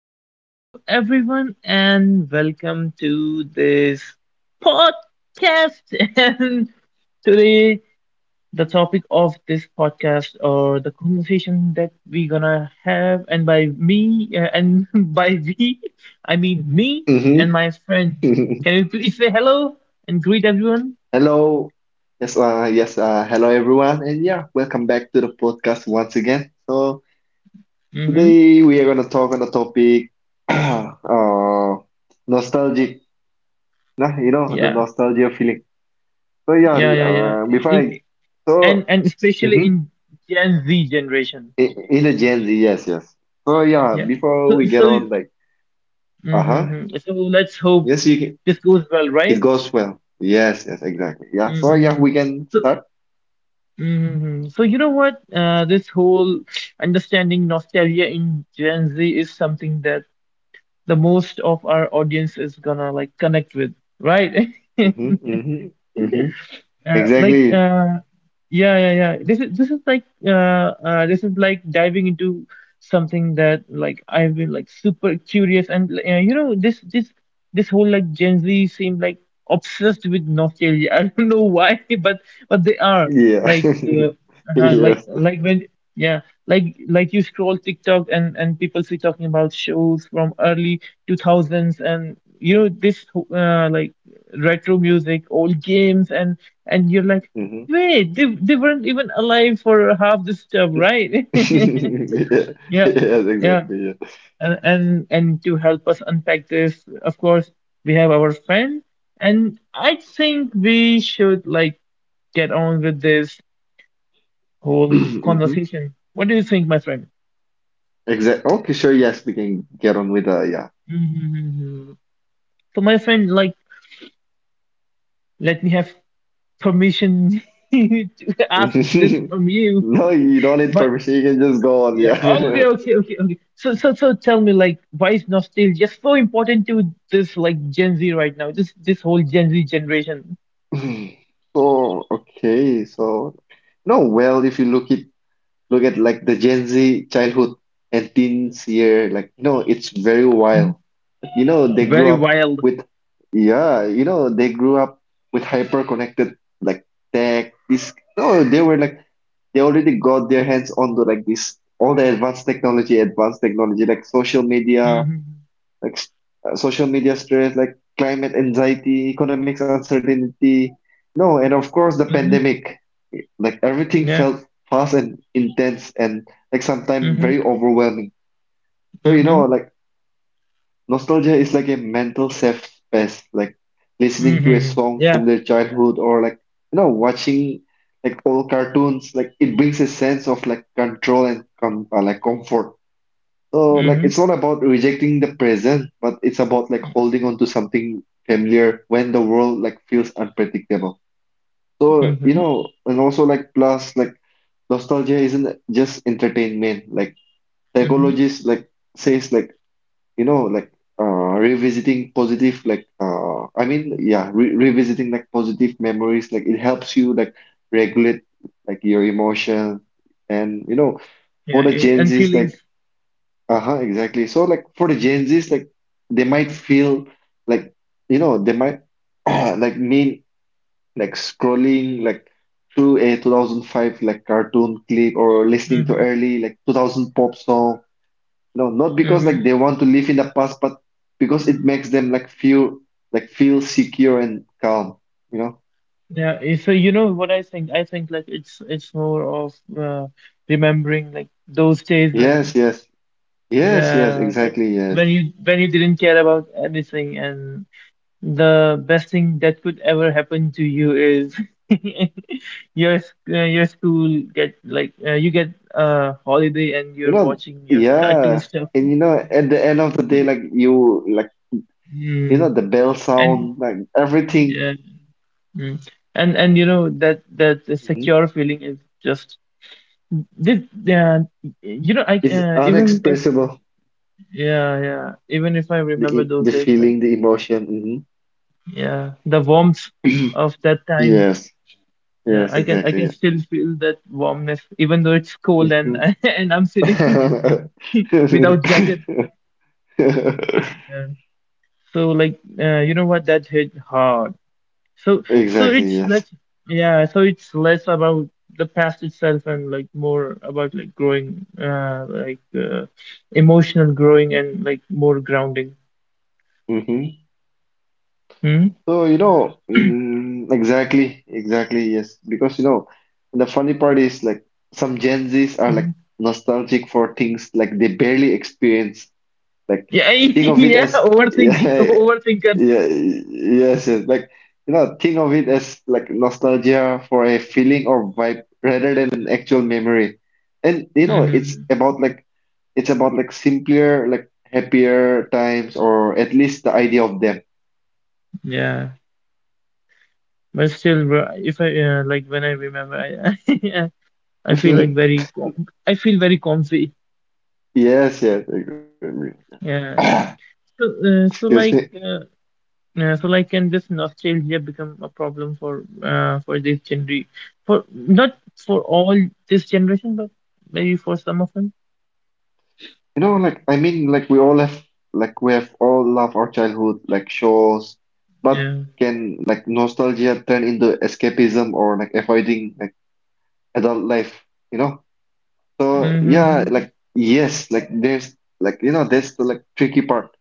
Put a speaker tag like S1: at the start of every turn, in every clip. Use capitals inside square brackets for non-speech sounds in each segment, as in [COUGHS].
S1: So, hello everyone, and welcome to this podcast. [LAUGHS] And today, the topic of this podcast or the conversation that we're gonna have, and by me, and [LAUGHS] by we, I mean me and my
S2: Mm-hmm.
S1: friend.
S2: [LAUGHS]
S1: Can you please say hello and greet everyone?
S2: Hello. Yes, hello everyone. And yeah, welcome back to the podcast once again. So
S1: Mm-hmm.
S2: today we are gonna talk on the topic [CLEARS THROAT] uh nostalgic. Nah, the
S1: Yeah,
S2: nostalgia feeling. So yeah,
S1: yeah, yeah, yeah. I-
S2: before I
S1: I- and
S2: so
S1: and especially
S2: mm-hmm,
S1: in Gen Z generation.
S2: in the Gen Z, yes, yes. So yeah,
S1: Yeah.
S2: before
S1: So
S2: we get
S1: so
S2: on like uh-huh.
S1: Mm-hmm. So let's hope
S2: Yes, you can,
S1: this goes well,
S2: it
S1: right?
S2: goes well. Yes, yes, exactly. Yeah. So yeah,
S1: Mm-hmm.
S2: we can
S1: So,
S2: start.
S1: mm-hmm. So you know what? This whole understanding nostalgia in Gen Z is something that the most of our audience is gonna like connect with, right? [LAUGHS]
S2: Mm-hmm, mm-hmm, mm-hmm.
S1: Like,
S2: Exactly.
S1: yeah, yeah, yeah. This is like, this is like, diving into something that like I've been like super curious and, like, you know, this whole like Gen Z seem like obsessed with nostalgia. [LAUGHS] I don't know why, but they are
S2: Yeah.
S1: like,
S2: [LAUGHS]
S1: like
S2: Yeah.
S1: like when, yeah, like you scroll TikTok and people see talking about shows from early 2000s, and you know this like retro music, old games, and you're like,
S2: hmm
S1: wait, they weren't even alive for half this stuff, right?
S2: [LAUGHS] Yeah.
S1: [LAUGHS] Yeah,
S2: Yes,
S1: yeah.
S2: exactly. Yeah.
S1: And to help us unpack this, of course, we have our friend, and I think we should like get on with this whole
S2: [CLEARS THROAT] hmm
S1: conversation. What do you think, my friend?
S2: Exactly. Okay, sure. Yes, we can get on with the. Yeah.
S1: Mhm. So my friend, like, let me have permission [LAUGHS] to ask this
S2: [LAUGHS]
S1: from you.
S2: No, you don't need
S1: My
S2: permission. You can just go on.
S1: Yeah. Okay.
S2: Yeah.
S1: Okay. Okay. Okay. So, tell me, like, why is nostalgia so important to this, like, Gen Z right now? This whole Gen Z generation.
S2: [LAUGHS] So, okay. So, no, well, if you look it, look at like the Gen Z childhood and teens year, like no, it's very
S1: Hmm.
S2: wild. You know, they grew
S1: Very
S2: up
S1: wild.
S2: with, yeah, you know, they grew up with hyper connected like tech. This, no, they were like, they already got their hands onto like this, all the advanced technology, like social media,
S1: Hmm.
S2: like social media stress, like climate anxiety, economics uncertainty. No, and of course the
S1: Hmm.
S2: pandemic, like everything
S1: Yeah.
S2: felt fast and intense and like sometimes
S1: Hmm.
S2: very overwhelming. So, you
S1: Hmm.
S2: know, like, nostalgia is like a mental safe space, like listening to a
S1: Hmm.
S2: song from
S1: Yeah.
S2: their childhood or like, you know, watching like old cartoons. Like it brings a sense of like control and com like comfort. So like
S1: Hmm.
S2: it's not about rejecting the present, but it's about like holding on to something familiar when the world like feels unpredictable. So, you
S1: Hmm.
S2: know, and also like plus like nostalgia isn't just entertainment. Like
S1: Hmm.
S2: psychologists like says like you know like revisiting positive like yeah re revisiting like positive memories, like it helps you like regulate like your emotion and you know for
S1: Yeah.
S2: the Gen
S1: And
S2: Z's like
S1: feelings.
S2: uh-huh exactly so like for the Gen Z's like they might feel like you know they might [CLEARS THROAT] like mean like scrolling like through a 2005 like cartoon clip or listening to
S1: Hmm.
S2: early like 2000 pop song no, not because
S1: Hmm.
S2: like they want to live in the past, but because it makes them like feel secure and calm, you know?
S1: Yeah. So you know what I think? I think like it's more of, remembering like those days when,
S2: Yes, yes. Yes, yes,
S1: yeah, but
S2: exactly, yes.
S1: when you didn't care about anything, and the best thing that could ever happen to you is [LAUGHS] your school get like, you get a holiday and
S2: You
S1: you're
S2: know,
S1: watching your [LAUGHS] cartoon
S2: yeah.
S1: stuff.
S2: And you know, at the end of the
S1: Yeah.
S2: day, like you know
S1: Mm.
S2: the bell
S1: And,
S2: sound, like everything
S1: yeah, mm. And you know that the
S2: mhm,
S1: secure feeling is just this. Yeah, you know, I
S2: is
S1: even if,
S2: unexpressible.
S1: yeah, yeah, even if I
S2: The
S1: remember those
S2: the
S1: days like.
S2: feeling, the emotion.
S1: Yeah, the warmth
S2: Hmm [CLEARS THROAT]
S1: of that time.
S2: Yes,
S1: Yeah,
S2: yes,
S1: I can
S2: exactly, yeah.
S1: still feel that warmness, even though it's cold and
S2: Mhm.
S1: [LAUGHS] and I'm sitting [LAUGHS] without jacket.
S2: [LAUGHS]
S1: Yeah. So like, you know what? That hit hard. So
S2: [LAUGHS]
S1: so
S2: Exactly,
S1: it's
S2: yes.
S1: less, yeah. So it's less about the past itself and like more about like growing, like, emotional growing and like more grounding.
S2: Mm-hmm.
S1: Hmm?
S2: So, you know, mm, exactly, exactly, yes. Because, you know, the funny part is like some Gen Zs are like
S1: Hmm.
S2: nostalgic for things like they barely experience. Like,
S1: Yeah, [LAUGHS]
S2: think of it
S1: yeah.
S2: as, [LAUGHS]
S1: Overthinking,
S2: yeah,
S1: overthinkers.
S2: yeah, yes, yes. Like, you know, think of it as like nostalgia for a feeling or vibe rather than an actual memory. And, you know,
S1: Hmm.
S2: it's about like simpler, like happier times, or at least the idea of them.
S1: Yeah. But still, bro, if I, like when I remember, I [LAUGHS] I, feel like
S2: [LAUGHS]
S1: very, com I feel very comfy.
S2: Yes, yes, I agree.
S1: Yeah, yeah. So, so
S2: Excuse me.
S1: like, yeah, so like, can this nostalgia become a problem for, for this generation? For, not for all this generation, but maybe for some of them.
S2: You know, like I mean, like we all have, like we have all loved our childhood, like shows, but
S1: Yeah.
S2: can like nostalgia turn into escapism or like avoiding like adult life, you know? So yeah,
S1: Mm-hmm.
S2: like yes, like there's like you know that's the like tricky part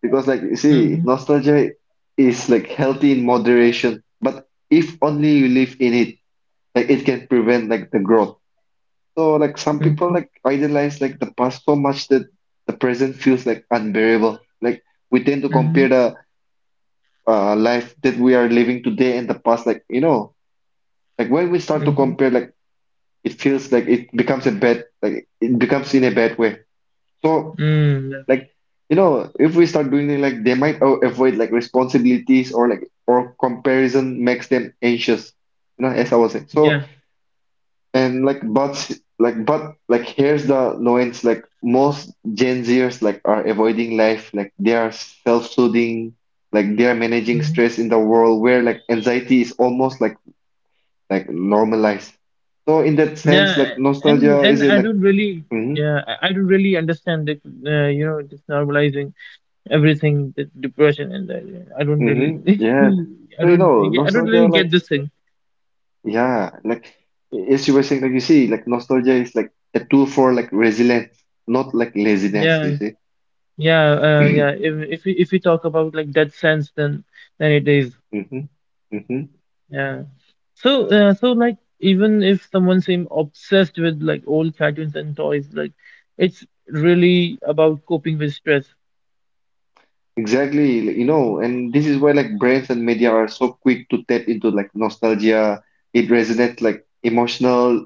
S2: because like you see,
S1: Mm-hmm.
S2: nostalgia is like healthy in moderation, but if only you live in it, like it can prevent like the growth. So like some people
S1: Mm-hmm.
S2: like idealize like the past so much that the present feels like unbearable. Like we tend to
S1: Mm-hmm.
S2: compare the life that we are living today and the past. Like you know, like when we start to
S1: Mm-hmm.
S2: compare, like it feels like it becomes a bad, like it becomes in a bad way. So
S1: Mm-hmm. Yeah.
S2: like you know, if we start doing it, like they might avoid like responsibilities or like or comparison makes them anxious. You know, as I was saying.
S1: Yeah.
S2: So and like, but like, but like, here's the annoyance. Like, most Gen Zers like are avoiding life. Like, they are self-soothing. Like, they are managing
S1: Mm-hmm.
S2: stress in the world where like anxiety is almost like normalized. So in that sense,
S1: Yeah,
S2: like nostalgia
S1: and
S2: is it
S1: I
S2: like
S1: don't really,
S2: mm-hmm,
S1: yeah, I don't really understand the, you know, just normalizing everything, the depression, and that. Yeah, I don't really,
S2: mm-hmm,
S1: [LAUGHS]
S2: yeah.
S1: I
S2: So you
S1: don't,
S2: know,
S1: yeah, I don't really
S2: nostalgia
S1: get
S2: like
S1: this thing.
S2: yeah, like as you were saying, like you see, like nostalgia is like a tool for like resilience, not like laziness.
S1: Yeah,
S2: You see.
S1: yeah, yeah.
S2: [CLEARS THROAT]
S1: If we talk about like that sense, then it is.
S2: Mm-hmm, mm-hmm.
S1: Yeah. So, so like even if someone seem obsessed with like old cartoons and toys, like it's really about coping with stress.
S2: Exactly, like, you know, and this is why like brands and media are so quick to tap into like nostalgia. It resonates like emotional,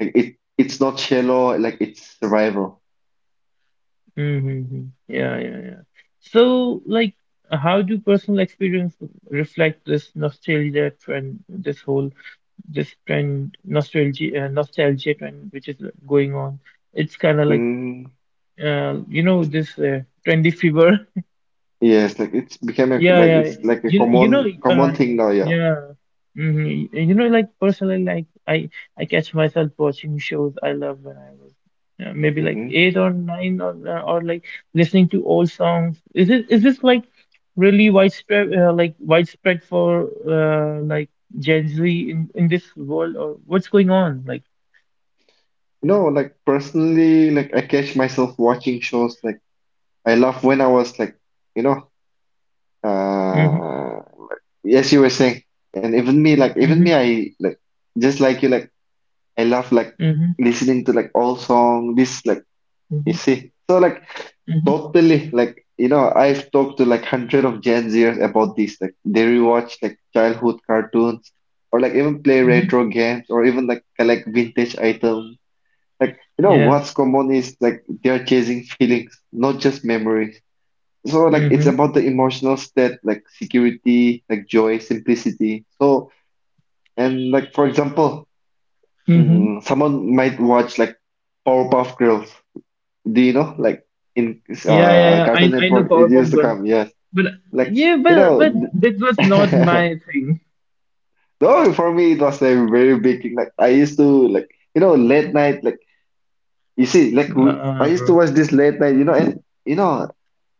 S2: like it's not shallow, like it's survival.
S1: Mm-hmm. Yeah, yeah, yeah. So, like, how do personal experience reflect this nostalgia trend, this whole this trend nostalgia, nostalgia trend which is going on? It's kind of like,
S2: Mm,
S1: you know this, trendy fever. [LAUGHS]
S2: yes, like it's becoming
S1: Yeah,
S2: like
S1: yeah.
S2: it's like a
S1: You know,
S2: common common thing now, yeah.
S1: yeah. Hmm. You know, like personally, like I catch myself watching shows I love when I was, maybe like
S2: Mm-hmm.
S1: eight or nine or, or like listening to old songs. Is this like really widespread, like widespread for, like Gen Z in this world or what's going on? Like,
S2: No, like personally, like I catch myself watching shows like I love when I was like, you know,
S1: mm-hmm,
S2: uh, as you were saying, and even me, like even
S1: mm-hmm,
S2: me, I like just like you, like. I love like
S1: mm-hmm,
S2: listening to like all song. This like you
S1: mm-hmm,
S2: see, so like
S1: mm-hmm,
S2: totally like you know I've talked to like hundred of Gen Zers about this. Like they rewatch like childhood cartoons or like even play
S1: mm-hmm.
S2: retro games or even like collect vintage items. Like you know
S1: Yeah.
S2: what's common is like they're chasing feelings, not just memories. So like it's
S1: Mm-hmm.
S2: about the emotional state, like security, like joy, simplicity. So and like for example,
S1: Mm-hmm.
S2: mm, someone might watch like Powerpuff Girls. Do you know? Like in
S1: Yeah, yeah, yeah.
S2: Cartoon
S1: I know
S2: Network, it
S1: Powerpuff
S2: used to
S1: Girls.
S2: come. Yes,
S1: But,
S2: like
S1: yeah,
S2: you
S1: but
S2: know.
S1: that was not
S2: [LAUGHS]
S1: my thing.
S2: No, for me it was like very big. Thing. Like I used to like you know late night. Like you see, like we, I
S1: Nah,
S2: used to
S1: bro.
S2: watch this late night. You know, and you know,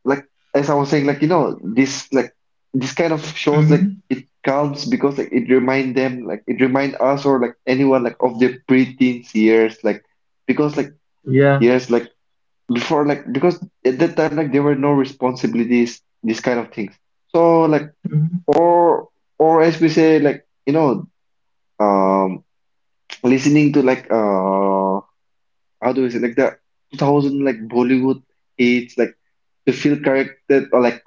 S2: like as I was saying, like you know, this like this kind of shows like
S1: Hmm.
S2: it counts because like it remind them, like it remind us or like anyone like of their preteens years, like because like.
S1: Yeah.
S2: Years like before like because at that time like there were no responsibilities these kind of things so like
S1: Mm-hmm.
S2: or or as we say like you know um listening to like how do we say like the 2000 like Bollywood hits like to feel corrected or like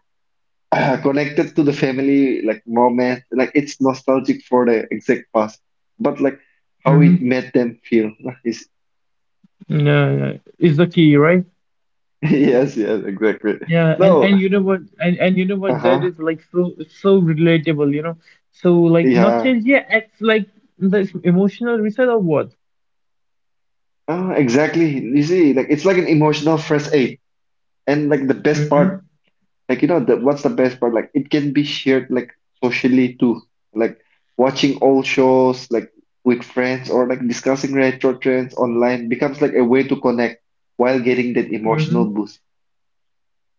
S2: [CLEARS THROAT] connected to the family like moment like it's nostalgic for the exact past but like how it
S1: Hmm.
S2: made them feel [LAUGHS] is
S1: Yeah, yeah. It's the key, right?
S2: yes yes exactly
S1: Yeah,
S2: no
S1: and you know what? And you know what? That
S2: uh-huh
S1: is like so relatable. You know, so like
S2: yeah.
S1: nostalgia acts like this emotional reset or what?
S2: Ah, exactly. You see, like it's like an emotional first aid, and like the best
S1: Mm-hmm.
S2: part, like you know, the what's the best part? Like it can be shared like socially too, like watching old shows like with friends or like discussing retro trends online becomes like a way to connect while getting that
S1: Mm-hmm.
S2: emotional boost.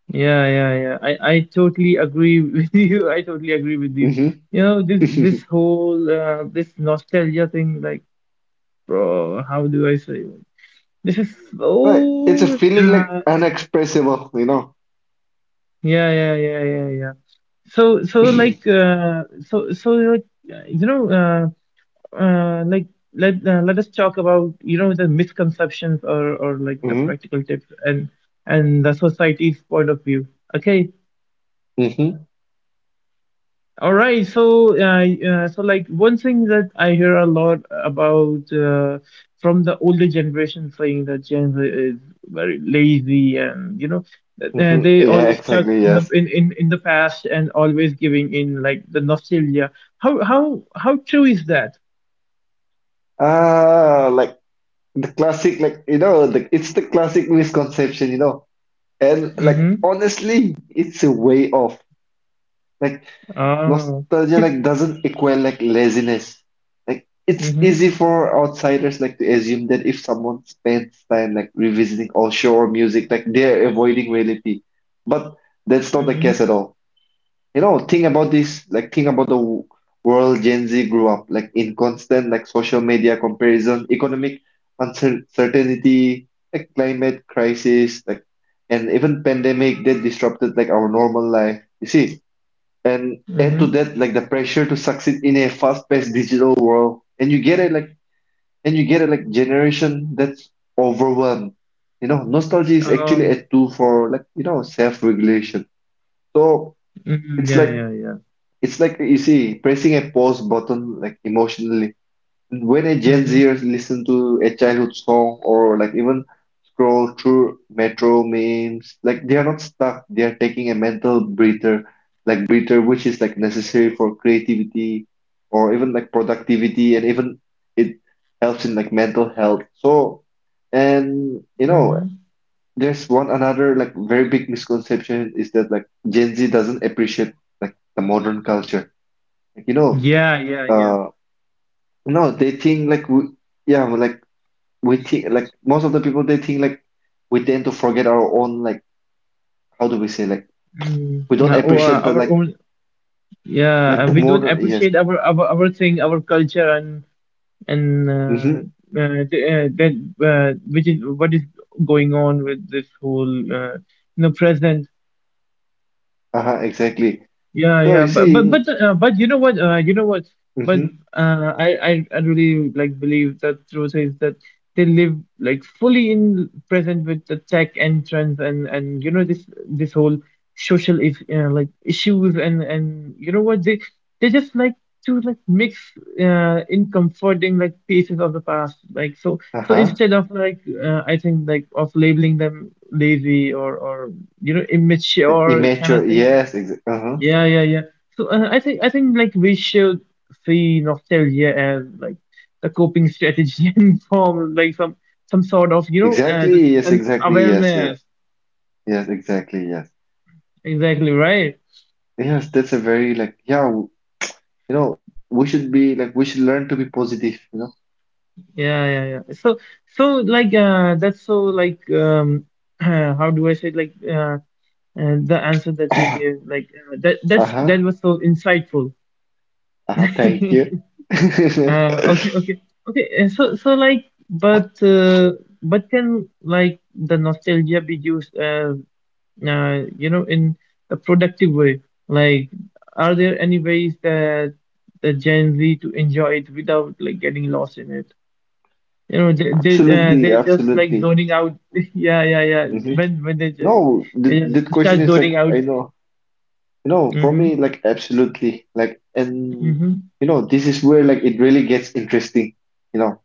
S1: Yeah, yeah, yeah. I totally agree [LAUGHS] with you. I totally agree with you. You know, this
S2: Mm-hmm. [LAUGHS]
S1: whole, this nostalgia thing, like, bro, how do I say? This is
S2: Right, it's a
S1: so,
S2: feeling like unexpressible, you know.
S1: yeah, yeah, yeah, yeah, yeah. So, like,
S2: [LAUGHS]
S1: so like, you know, like let us talk about, you know, the misconceptions or like the
S2: [CLEARS THROAT]
S1: practical tips and the society's point of view. Okay,
S2: Mm-hmm. Mm-hmm.
S1: all right, so, so like one thing that I hear a lot about, from the older generation saying that Gen Z is very lazy and you know that,
S2: Mm-hmm.
S1: they
S2: Yeah,
S1: always stuck
S2: exactly.
S1: in the
S2: Yes.
S1: in, in, in the past and always giving in like the nostalgia. How true is that?
S2: Ah, like. The classic like you know the, it's the classic misconception you know and like
S1: Mm-hmm.
S2: honestly it's a way off like
S1: Oh.
S2: nostalgia
S1: [LAUGHS]
S2: like doesn't equal like laziness like it's
S1: Mm-hmm.
S2: easy for outsiders like to assume that if someone spends time like revisiting all show or music like they're avoiding reality but that's not the case
S1: Mm-hmm.
S2: at all you know, think about this, like think about world Gen Z grew up, like in constant like social media comparison, economic uncertainty, like climate crisis, like and even pandemic that disrupted like our normal life. You see, and add to
S1: Mm-hmm.
S2: that like the pressure to succeed in a fast-paced digital world, and you get it like generation that's overwhelmed. You know, nostalgia is actually
S1: Oh.
S2: a tool for like you know self-regulation. So
S1: Mm-hmm.
S2: it's
S1: Yeah,
S2: like
S1: yeah, yeah.
S2: it's like you see, pressing a pause button like emotionally. When a Gen
S1: Mm-hmm.
S2: Zer listen to a childhood song or like even scroll through metro memes, like they are not stuck. They are taking a mental breather, like breather, which is like necessary for creativity or even like productivity, and even it helps in like mental health. So, and you know,
S1: Mm-hmm.
S2: there's one another like very big misconception is that like Gen Z doesn't appreciate like the modern culture like, you know,
S1: Yeah, yeah, yeah.
S2: uh, no, they think like we, yeah, we like we think like most of the people they think like we tend to forget our own like how do we say like
S1: Mm,
S2: we don't appreciate
S1: uh,
S2: the
S1: our own. Yeah,
S2: like the
S1: we don't
S2: modern yes,
S1: appreciate our our thing, our culture, and and uh,
S2: mm-hmm,
S1: that, which is what is going on with this whole, you know, present.
S2: uh-huh, exactly.
S1: Yeah,
S2: So
S1: yeah,
S2: you see,
S1: but, but you know what? You know what? But
S2: mm-hmm,
S1: uh, I, I I really like believe that truth is that they live like fully in present with the tech and trends and you know this whole social is, like issues and you know what they just like to like mix, in comforting like pieces of the past like, so
S2: uh-huh,
S1: instead of like, I think like of labeling them lazy or you know
S2: like
S1: immature kind of
S2: immature,
S1: thing like,
S2: yes, exa uh-huh,
S1: yeah, yeah, yeah. So, I think like we should see nostalgia as like the coping strategy [LAUGHS] and form like some sort of, you know, the
S2: exactly, yes, exactly, yes, yes,
S1: self-awareness.
S2: yes, exactly, yes,
S1: Exactly right.
S2: yes. That's a very like yeah, you know, we should be like we should learn to be positive, you know.
S1: Yeah, yeah, yeah. So like, that's so like, [CLEARS THROAT] how do I say it? Like, the answer that you
S2: [COUGHS]
S1: gave like, that
S2: Uh-huh,
S1: was so insightful.
S2: uh-huh, thank you.
S1: [LAUGHS]
S2: [LAUGHS]
S1: Okay, okay, okay. So, like, but can like the nostalgia be used as, you know, in a productive way? Like, are there any ways that the Gen Z to enjoy it without like getting lost in it? You know, they,
S2: Absolutely,
S1: they're just like
S2: absolutely.
S1: zoning out. [LAUGHS] Yeah, yeah, yeah.
S2: Hmm.
S1: When they
S2: No, the
S1: just
S2: question
S1: start
S2: is like
S1: zoning
S2: I
S1: out.
S2: know, you know, for me
S1: Mm-hmm.
S2: like absolutely like and
S1: Mm-hmm.
S2: you know this is where like it really gets interesting. You know,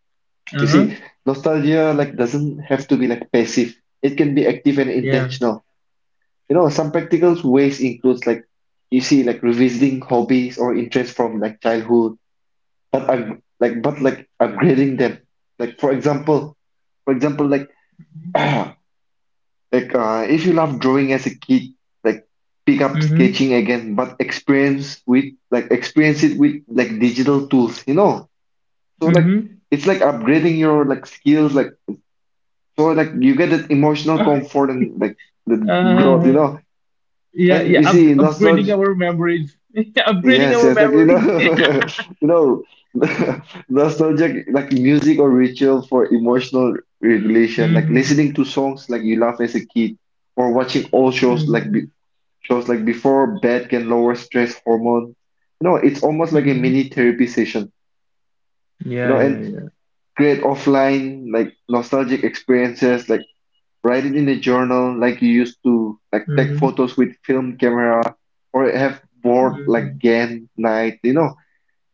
S2: you see,
S1: Uh-huh.
S2: nostalgia like doesn't have to be like passive. It can be active and
S1: Yeah.
S2: intentional. You know, some practical ways includes like you see like revisiting hobbies or interests from like childhood, but up like but like upgrading them. Like for example, [CLEARS THROAT] Like, if you love drawing as a kid, like pick up
S1: Mm-hmm.
S2: sketching again, but experience it with like digital tools, you know? So like
S1: Mm-hmm.
S2: it's like upgrading your like skills, like so like you get that emotional comfort and like the
S1: [LAUGHS]
S2: growth, you
S1: yeah,
S2: know? And
S1: yeah,
S2: you see
S1: upgrading
S2: nostalgia,
S1: our memories [LAUGHS] upgrading
S2: yes,
S1: our
S2: yes, like you know,
S1: memories.
S2: [LAUGHS] you know, [LAUGHS] nostalgic like music or ritual for emotional
S1: [LAUGHS]
S2: regulation, like
S1: Mm-hmm.
S2: listening to songs like you love as a kid or watching old shows like.
S1: Mm-hmm.
S2: shows like before bed can lower stress hormone. You know, it's almost like a
S1: Mm-hmm.
S2: mini therapy session. You
S1: Yeah,
S2: know,
S1: yeah,
S2: and
S1: yeah.
S2: create offline like nostalgic experiences, like write it in a journal, like you used to, like take
S1: Mm-hmm.
S2: photos with film camera, or have board
S1: Mm-hmm.
S2: like game night. You know,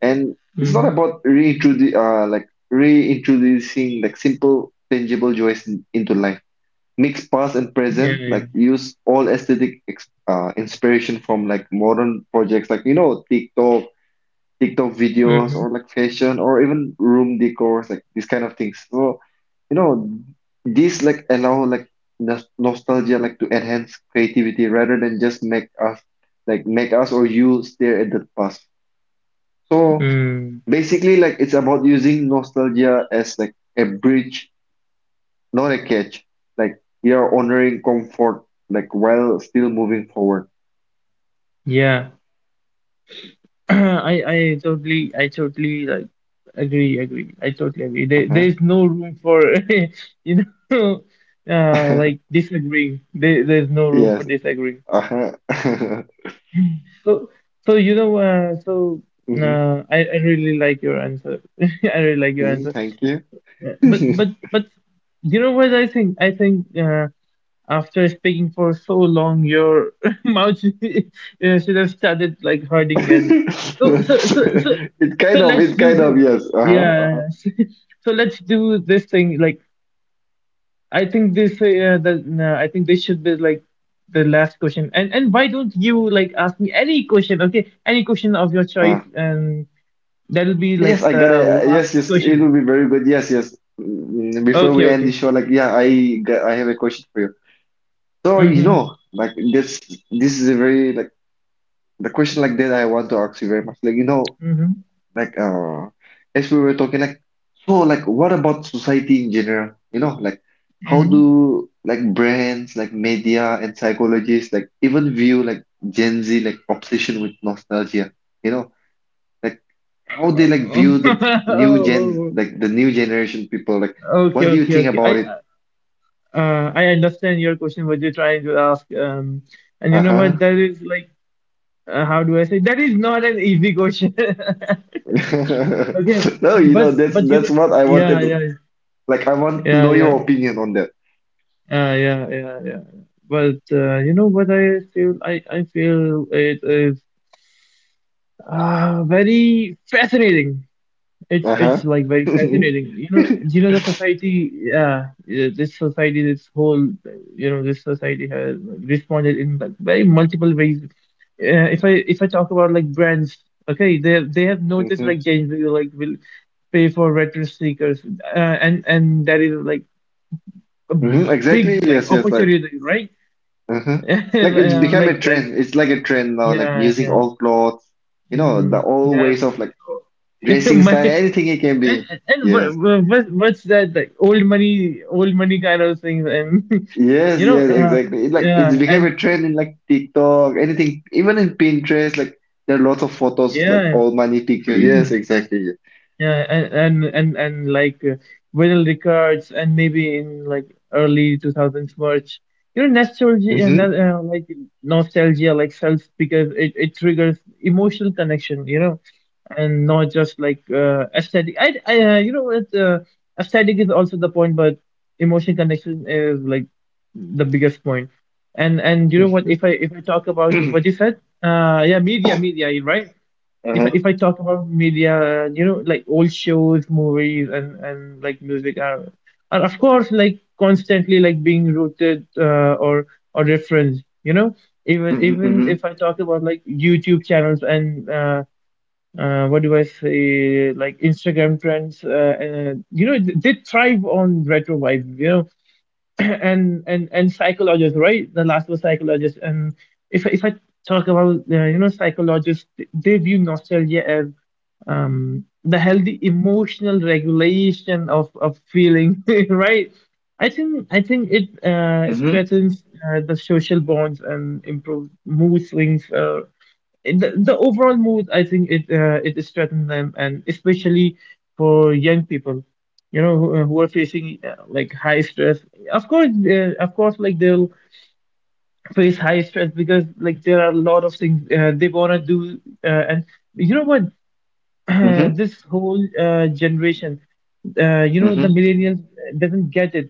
S2: and it's not
S1: Mm-hmm.
S2: about reintroducing like simple tangible joys into life, mix past and
S1: Yeah,
S2: present,
S1: yeah.
S2: like use all aesthetic inspiration from like modern projects like you know tiktok videos
S1: Mm-hmm.
S2: or like fashion or even room decors, like these kind of things so you know these like allow like nostalgia like to enhance creativity rather than just make us or you stare at the past, so
S1: Mm.
S2: basically like it's about using nostalgia as like a bridge, not a catch. Like we are honoring comfort, like while still moving forward.
S1: Yeah. [CLEARS THROAT] I totally, I totally like agree, I totally agree.
S2: Uh-huh.
S1: There's no room for [LAUGHS] you know, [LAUGHS]
S2: [LAUGHS]
S1: like disagreeing. There's no room for
S2: Yes.
S1: disagreeing.
S2: Uh-huh. [LAUGHS]
S1: So, so you know, so,
S2: Hmm.
S1: I really like your answer. [LAUGHS] I really like your
S2: Hmm.
S1: answer.
S2: Thank you. [LAUGHS]
S1: But,
S2: It
S1: you know what I think? I think, after speaking for so long, your [LAUGHS] mouth should, should have started like hurting. And so so so so so let's
S2: it
S1: do
S2: kind
S1: this.
S2: of, yes. Uh-huh. Uh-huh.
S1: Yeah. [LAUGHS] So let's do this thing. Like I think this, the, no, I think this should be like the last question. And why don't you like ask me any question? Okay, any question of your
S2: Uh.
S1: choice, and that'll be like
S2: Yes, I
S1: the
S2: got it.
S1: last
S2: Yes, yes, it
S1: question.
S2: will be very good. Yes, yes. Mm, before
S1: Okay,
S2: we end the
S1: okay.
S2: show, like, yeah, I got, I have a question for you. So, you
S1: Mm-hmm.
S2: know, like, this is a very, like, the question like that I want to ask you very much. Like, you know,
S1: Mm-hmm.
S2: like, as we were talking like, so like, what about society in general? You know, like, how
S1: Mm-hmm.
S2: do like brands, like media and psychologists, like even view like Gen Z like obsession with nostalgia? You know, like how they like view the new gen,
S1: Oh,
S2: like the new generation people. Like,
S1: [LAUGHS] okay,
S2: what do you
S1: okay,
S2: think
S1: okay.
S2: about it?
S1: I understand your question. What you're trying to ask, and you know what?
S2: Uh-huh.
S1: That is like, how do I say? That is not an easy question. [LAUGHS] Okay,
S2: [LAUGHS] No, you
S1: but
S2: know, that's
S1: you
S2: that's
S1: know,
S2: what I wanted
S1: yeah,
S2: to.
S1: yeah,
S2: Like, I want to
S1: yeah,
S2: know
S1: yeah.
S2: your opinion on that.
S1: Yeah, yeah, yeah. But, you know what I feel? I, feel it is, very fascinating. It's
S2: Uh-huh.
S1: like very
S2: [LAUGHS]
S1: fascinating. You know, the society. Yeah, yeah, this society, this whole, you know, this society has responded in like very multiple ways. If I talk about like brands, okay, they have, noticed like
S2: Mhm.
S1: Gen Z like will pay for retro sneakers, and that is like a
S2: Hmm. Exactly.
S1: big like
S2: Yes. Yes. Like,
S1: opportunity, right?
S2: hmm,
S1: [LAUGHS]
S2: like it's
S1: Yeah,
S2: become
S1: like
S2: a
S1: like
S2: trend. It's like a trend now. Like
S1: yeah
S2: using
S1: yeah
S2: old clothes. You know, the old
S1: yeah.
S2: ways of like
S1: [LAUGHS]
S2: dressing
S1: my
S2: style. Anything it can be.
S1: and and
S2: Yes.
S1: what what's that like old money kind of things? And [LAUGHS]
S2: Yes.
S1: you know,
S2: Yes. Exactly. It, like it's
S1: yeah,
S2: become
S1: and
S2: a trend in like TikTok. Anything. Even in Pinterest. Like there are lots of photos of, like
S1: yeah
S2: old money pictures. Yes. Exactly. Yes.
S1: like vinyl records, and maybe in like early 2000s merch, you know, nostalgia, and
S2: Mm-hmm.
S1: like nostalgia like self, because it triggers emotional connection, you know, and not just like aesthetic. I You know, aesthetic is also the point, but emotion connection is like the biggest point. And you know what?
S2: Mm-hmm.
S1: If I talk about what
S2: [COUGHS]
S1: you
S2: [CLEARS THROAT]
S1: said, yeah, media, you're right? If I-
S2: Uh-huh.
S1: if I talk about media, you know, like old shows, movies, and like music are of course like constantly like being rooted or referenced, you know. even
S2: Mm-hmm.
S1: even
S2: Mm-hmm.
S1: if I talk about like YouTube channels and what do I say, like Instagram trends, you know, they thrive on retro vibes, you know. [CLEARS THROAT] And psychologists, right? The last was psychologists. And if I talk about you know, psychologists, they view nostalgia as the healthy emotional regulation of feeling, [LAUGHS] right? I think it
S2: Mm-hmm.
S1: strengthens the social bonds and improves mood swings. The overall mood, I think it it strengthens them, and especially for young people, you know, who are facing like high stress. Of course, of course like they'll face high stress, because like there are a lot of things they want to do, and you know what, [CLEARS THROAT]
S2: Mm-hmm.
S1: this whole generation, you know, the
S2: Mm-hmm.
S1: millennials doesn't get it,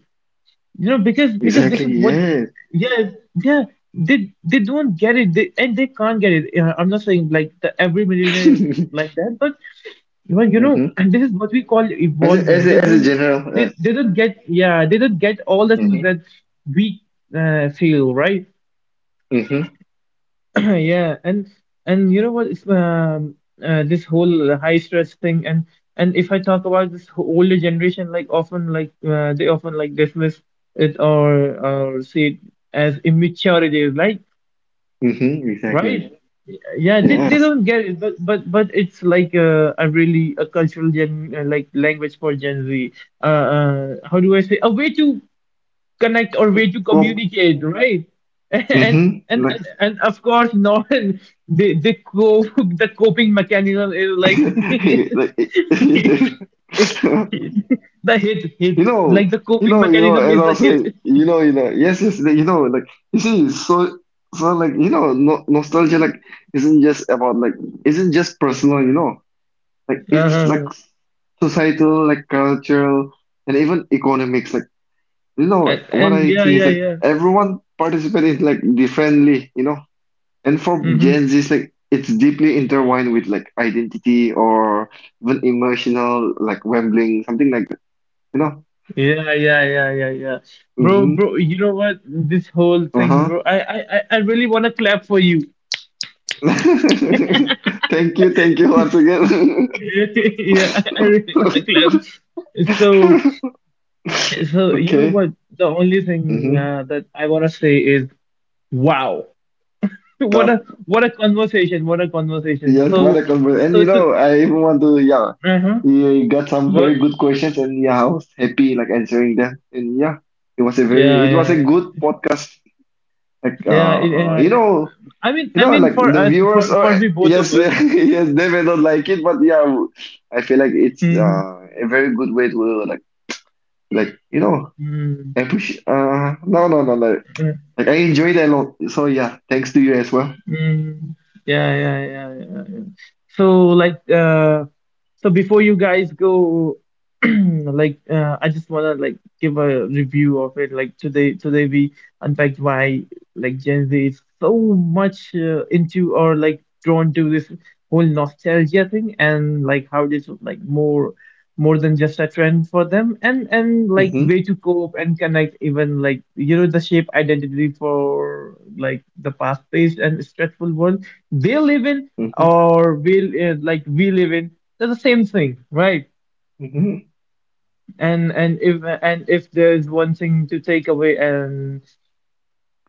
S1: you know, because this
S2: Exactly.
S1: is what.
S2: Yes.
S1: Yeah. Yeah, they don't get it, and they can't get it. Yeah, I'm not saying like the every millionaire is
S2: [LAUGHS]
S1: like that, but well, you know,
S2: Mm-hmm.
S1: [CLEARS THROAT] and this is what we call
S2: As a, as
S1: evolving. They
S2: a, as a
S1: don't,
S2: general.
S1: they don't get. Yeah, they don't get all the things
S2: Mm-hmm.
S1: that we feel, right?
S2: Mm-hmm.
S1: [CLEARS THROAT] Yeah. And you know what? This whole high stress thing. And if I talk about this older generation, like often like they often like dismiss it, or see it as immaturity, like,
S2: Mm-hmm, exactly.
S1: right? Yeah, they
S2: Yes.
S1: don't get it, but but it's like a really a cultural gen like language for Gen Z. How do I say? A way to connect, or way to
S2: Pop.
S1: communicate, right? [LAUGHS] and
S2: Mm-hmm.
S1: and
S2: Like,
S1: and, and of course [LAUGHS] not the the co- [LAUGHS] the coping mechanism is like [LAUGHS]
S2: [LAUGHS] like
S1: the
S2: [LAUGHS]
S1: hit
S2: you know,
S1: like the
S2: you
S1: coping
S2: know, you know,
S1: mechanism
S2: as
S1: is
S2: I
S1: the
S2: was
S1: hit.
S2: saying, you know, yes, yes, like, you know, like you see, so so like you know, no, nostalgia like isn't just about like isn't just personal, you know, like
S1: [LAUGHS]
S2: it's like
S1: Uh-huh.
S2: societal, like cultural, and even economics. Like you know,
S1: and,
S2: what
S1: and
S2: I
S1: yeah
S2: think is
S1: yeah
S2: like
S1: yeah
S2: everyone participates like differently, you know. And for
S1: Hmm.
S2: Gen Z's, like it's deeply intertwined with like identity or even emotional, like rambling, something like that. You know?
S1: Yeah, yeah, yeah, yeah, yeah. bro
S2: Mm-hmm.
S1: bro you know what, this whole thing,
S2: Uh-huh.
S1: bro, I really want to clap for you. [LAUGHS]
S2: [LAUGHS] Thank you once again. [LAUGHS]
S1: Yeah, I really want to clap. so So, you know
S2: Okay.
S1: what? The only thing
S2: Mm-hmm.
S1: that I want to say is, wow. [LAUGHS] What a
S2: That,
S1: what a conversation.
S2: yes, what a
S1: So,
S2: conversation. And
S1: so
S2: you
S1: to
S2: know, I even want to, yeah,
S1: uh-huh.
S2: you got some
S1: What?
S2: very good questions, and yeah, I was happy like answering them. And yeah, it was a very,
S1: Yeah,
S2: it was
S1: yeah,
S2: a
S1: yeah.
S2: good podcast. Like,
S1: Yeah, it, yeah. I
S2: you know.
S1: I mean,
S2: You
S1: I
S2: know,
S1: mean
S2: like
S1: for
S2: the
S1: us, for
S2: viewers are
S1: for we both of
S2: yes, [LAUGHS]
S1: us.
S2: yes, they may not like it, but yeah, I feel like it's
S1: Mm-hmm.
S2: a very good way to like you know
S1: Mm-hmm.
S2: appreciate. No, no, no, no. Like I enjoyed it a lot. So yeah, thanks to you as well.
S1: Mm, yeah, yeah, yeah, yeah, yeah. So like before you guys go, [CLEARS THROAT] like I just wanna like give a review of it. Like today we unpacked why like Gen Z is so much into or like drawn to this whole nostalgia thing, and like how it is like more than just a trend for them, and like
S2: Mm-hmm.
S1: way to cope and connect, even like you know, the shape identity for like the fast-paced and stressful world they live in,
S2: Mm-hmm.
S1: or we like we live in. They're the same thing, right?
S2: Mm-hmm.
S1: And if there's one thing to take away, and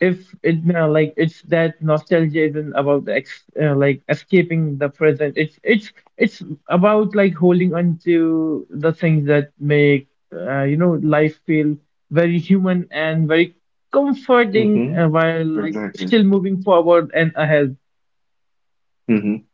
S1: if it like, it's that nostalgia isn't about the like escaping the present. It's about like holding on to the things that make, you know, life feel very human and very comforting,
S2: Mm-hmm.
S1: while like
S2: Exactly.
S1: still moving forward and ahead.
S2: Mm-hmm.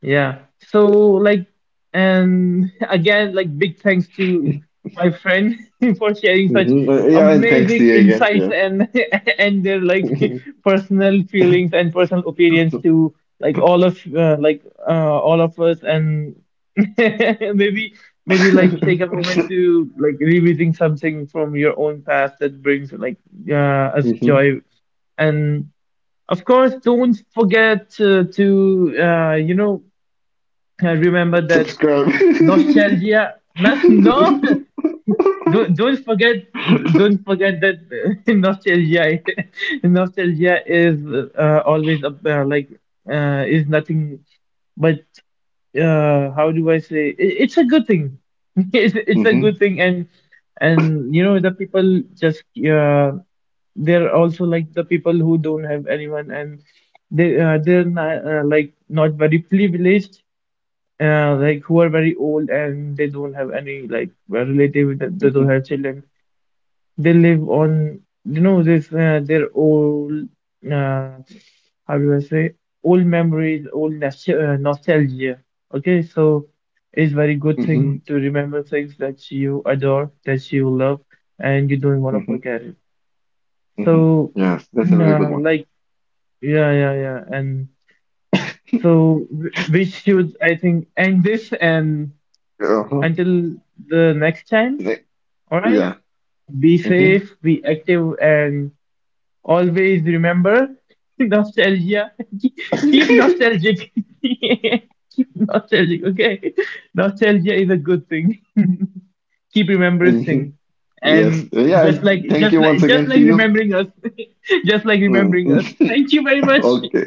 S1: Yeah. So like, and [LAUGHS] again, like big thanks to my friend [LAUGHS] for sharing such
S2: Mm-hmm. Yeah, and thanks to
S1: amazing
S2: you again.
S1: insights,
S2: Yeah.
S1: and [LAUGHS] and their like
S2: [LAUGHS]
S1: [LAUGHS] personal feelings and personal opinions to like all of us. And [LAUGHS] maybe, like take a moment to like revisiting something from your own past that brings like us
S2: Mm-hmm.
S1: joy. And of course, don't forget to, you know, I remember that
S2: Subscribe. [LAUGHS]
S1: nostalgia. No, [LAUGHS] no, don't forget, don't forget that, [LAUGHS] nostalgia. [LAUGHS] Nostalgia is always up, like, is nothing but, how do I say? It, it's a good thing. [LAUGHS] It's a
S2: Mm-hmm.
S1: good thing. And you know, the people just they're also like the people who don't have anyone, and they they're not, like, not very privileged, like who are very old, and they don't have any like relative, that they
S2: Mm-hmm.
S1: don't have children. They live on, you know, this their old, uh, how do I say old memories, old nostalgia. Okay, so it's very good
S2: Mm-hmm.
S1: thing to remember things that you adore, that you love, and you don't want to
S2: Mm-hmm.
S1: forget it.
S2: Hmm.
S1: So,
S2: Yes,
S1: [CLEARS THROAT]
S2: that's a very good one. [LAUGHS]
S1: like, yeah, yeah, yeah, and so we should, I think, end this and.
S2: Uh-huh.
S1: Until the next time,
S2: Like,
S1: alright?
S2: yeah.
S1: Be
S2: Hmm. [LAUGHS]
S1: safe, be active, and always remember [LAUGHS] nostalgia. [LAUGHS] Keep nostalgic. [LAUGHS] Keep nostalgic, okay? [LAUGHS] Nostalgia is a good thing. [LAUGHS] Keep
S2: Hmm.
S1: remembering.
S2: Yes.
S1: And
S2: Yeah,
S1: just like
S2: and thank
S1: just
S2: you
S1: like
S2: once
S1: just
S2: again
S1: like
S2: to you.
S1: remembering us. [LAUGHS] Just like
S2: Mm.
S1: remembering us.
S2: [LAUGHS]
S1: Thank you very much.
S2: Okay.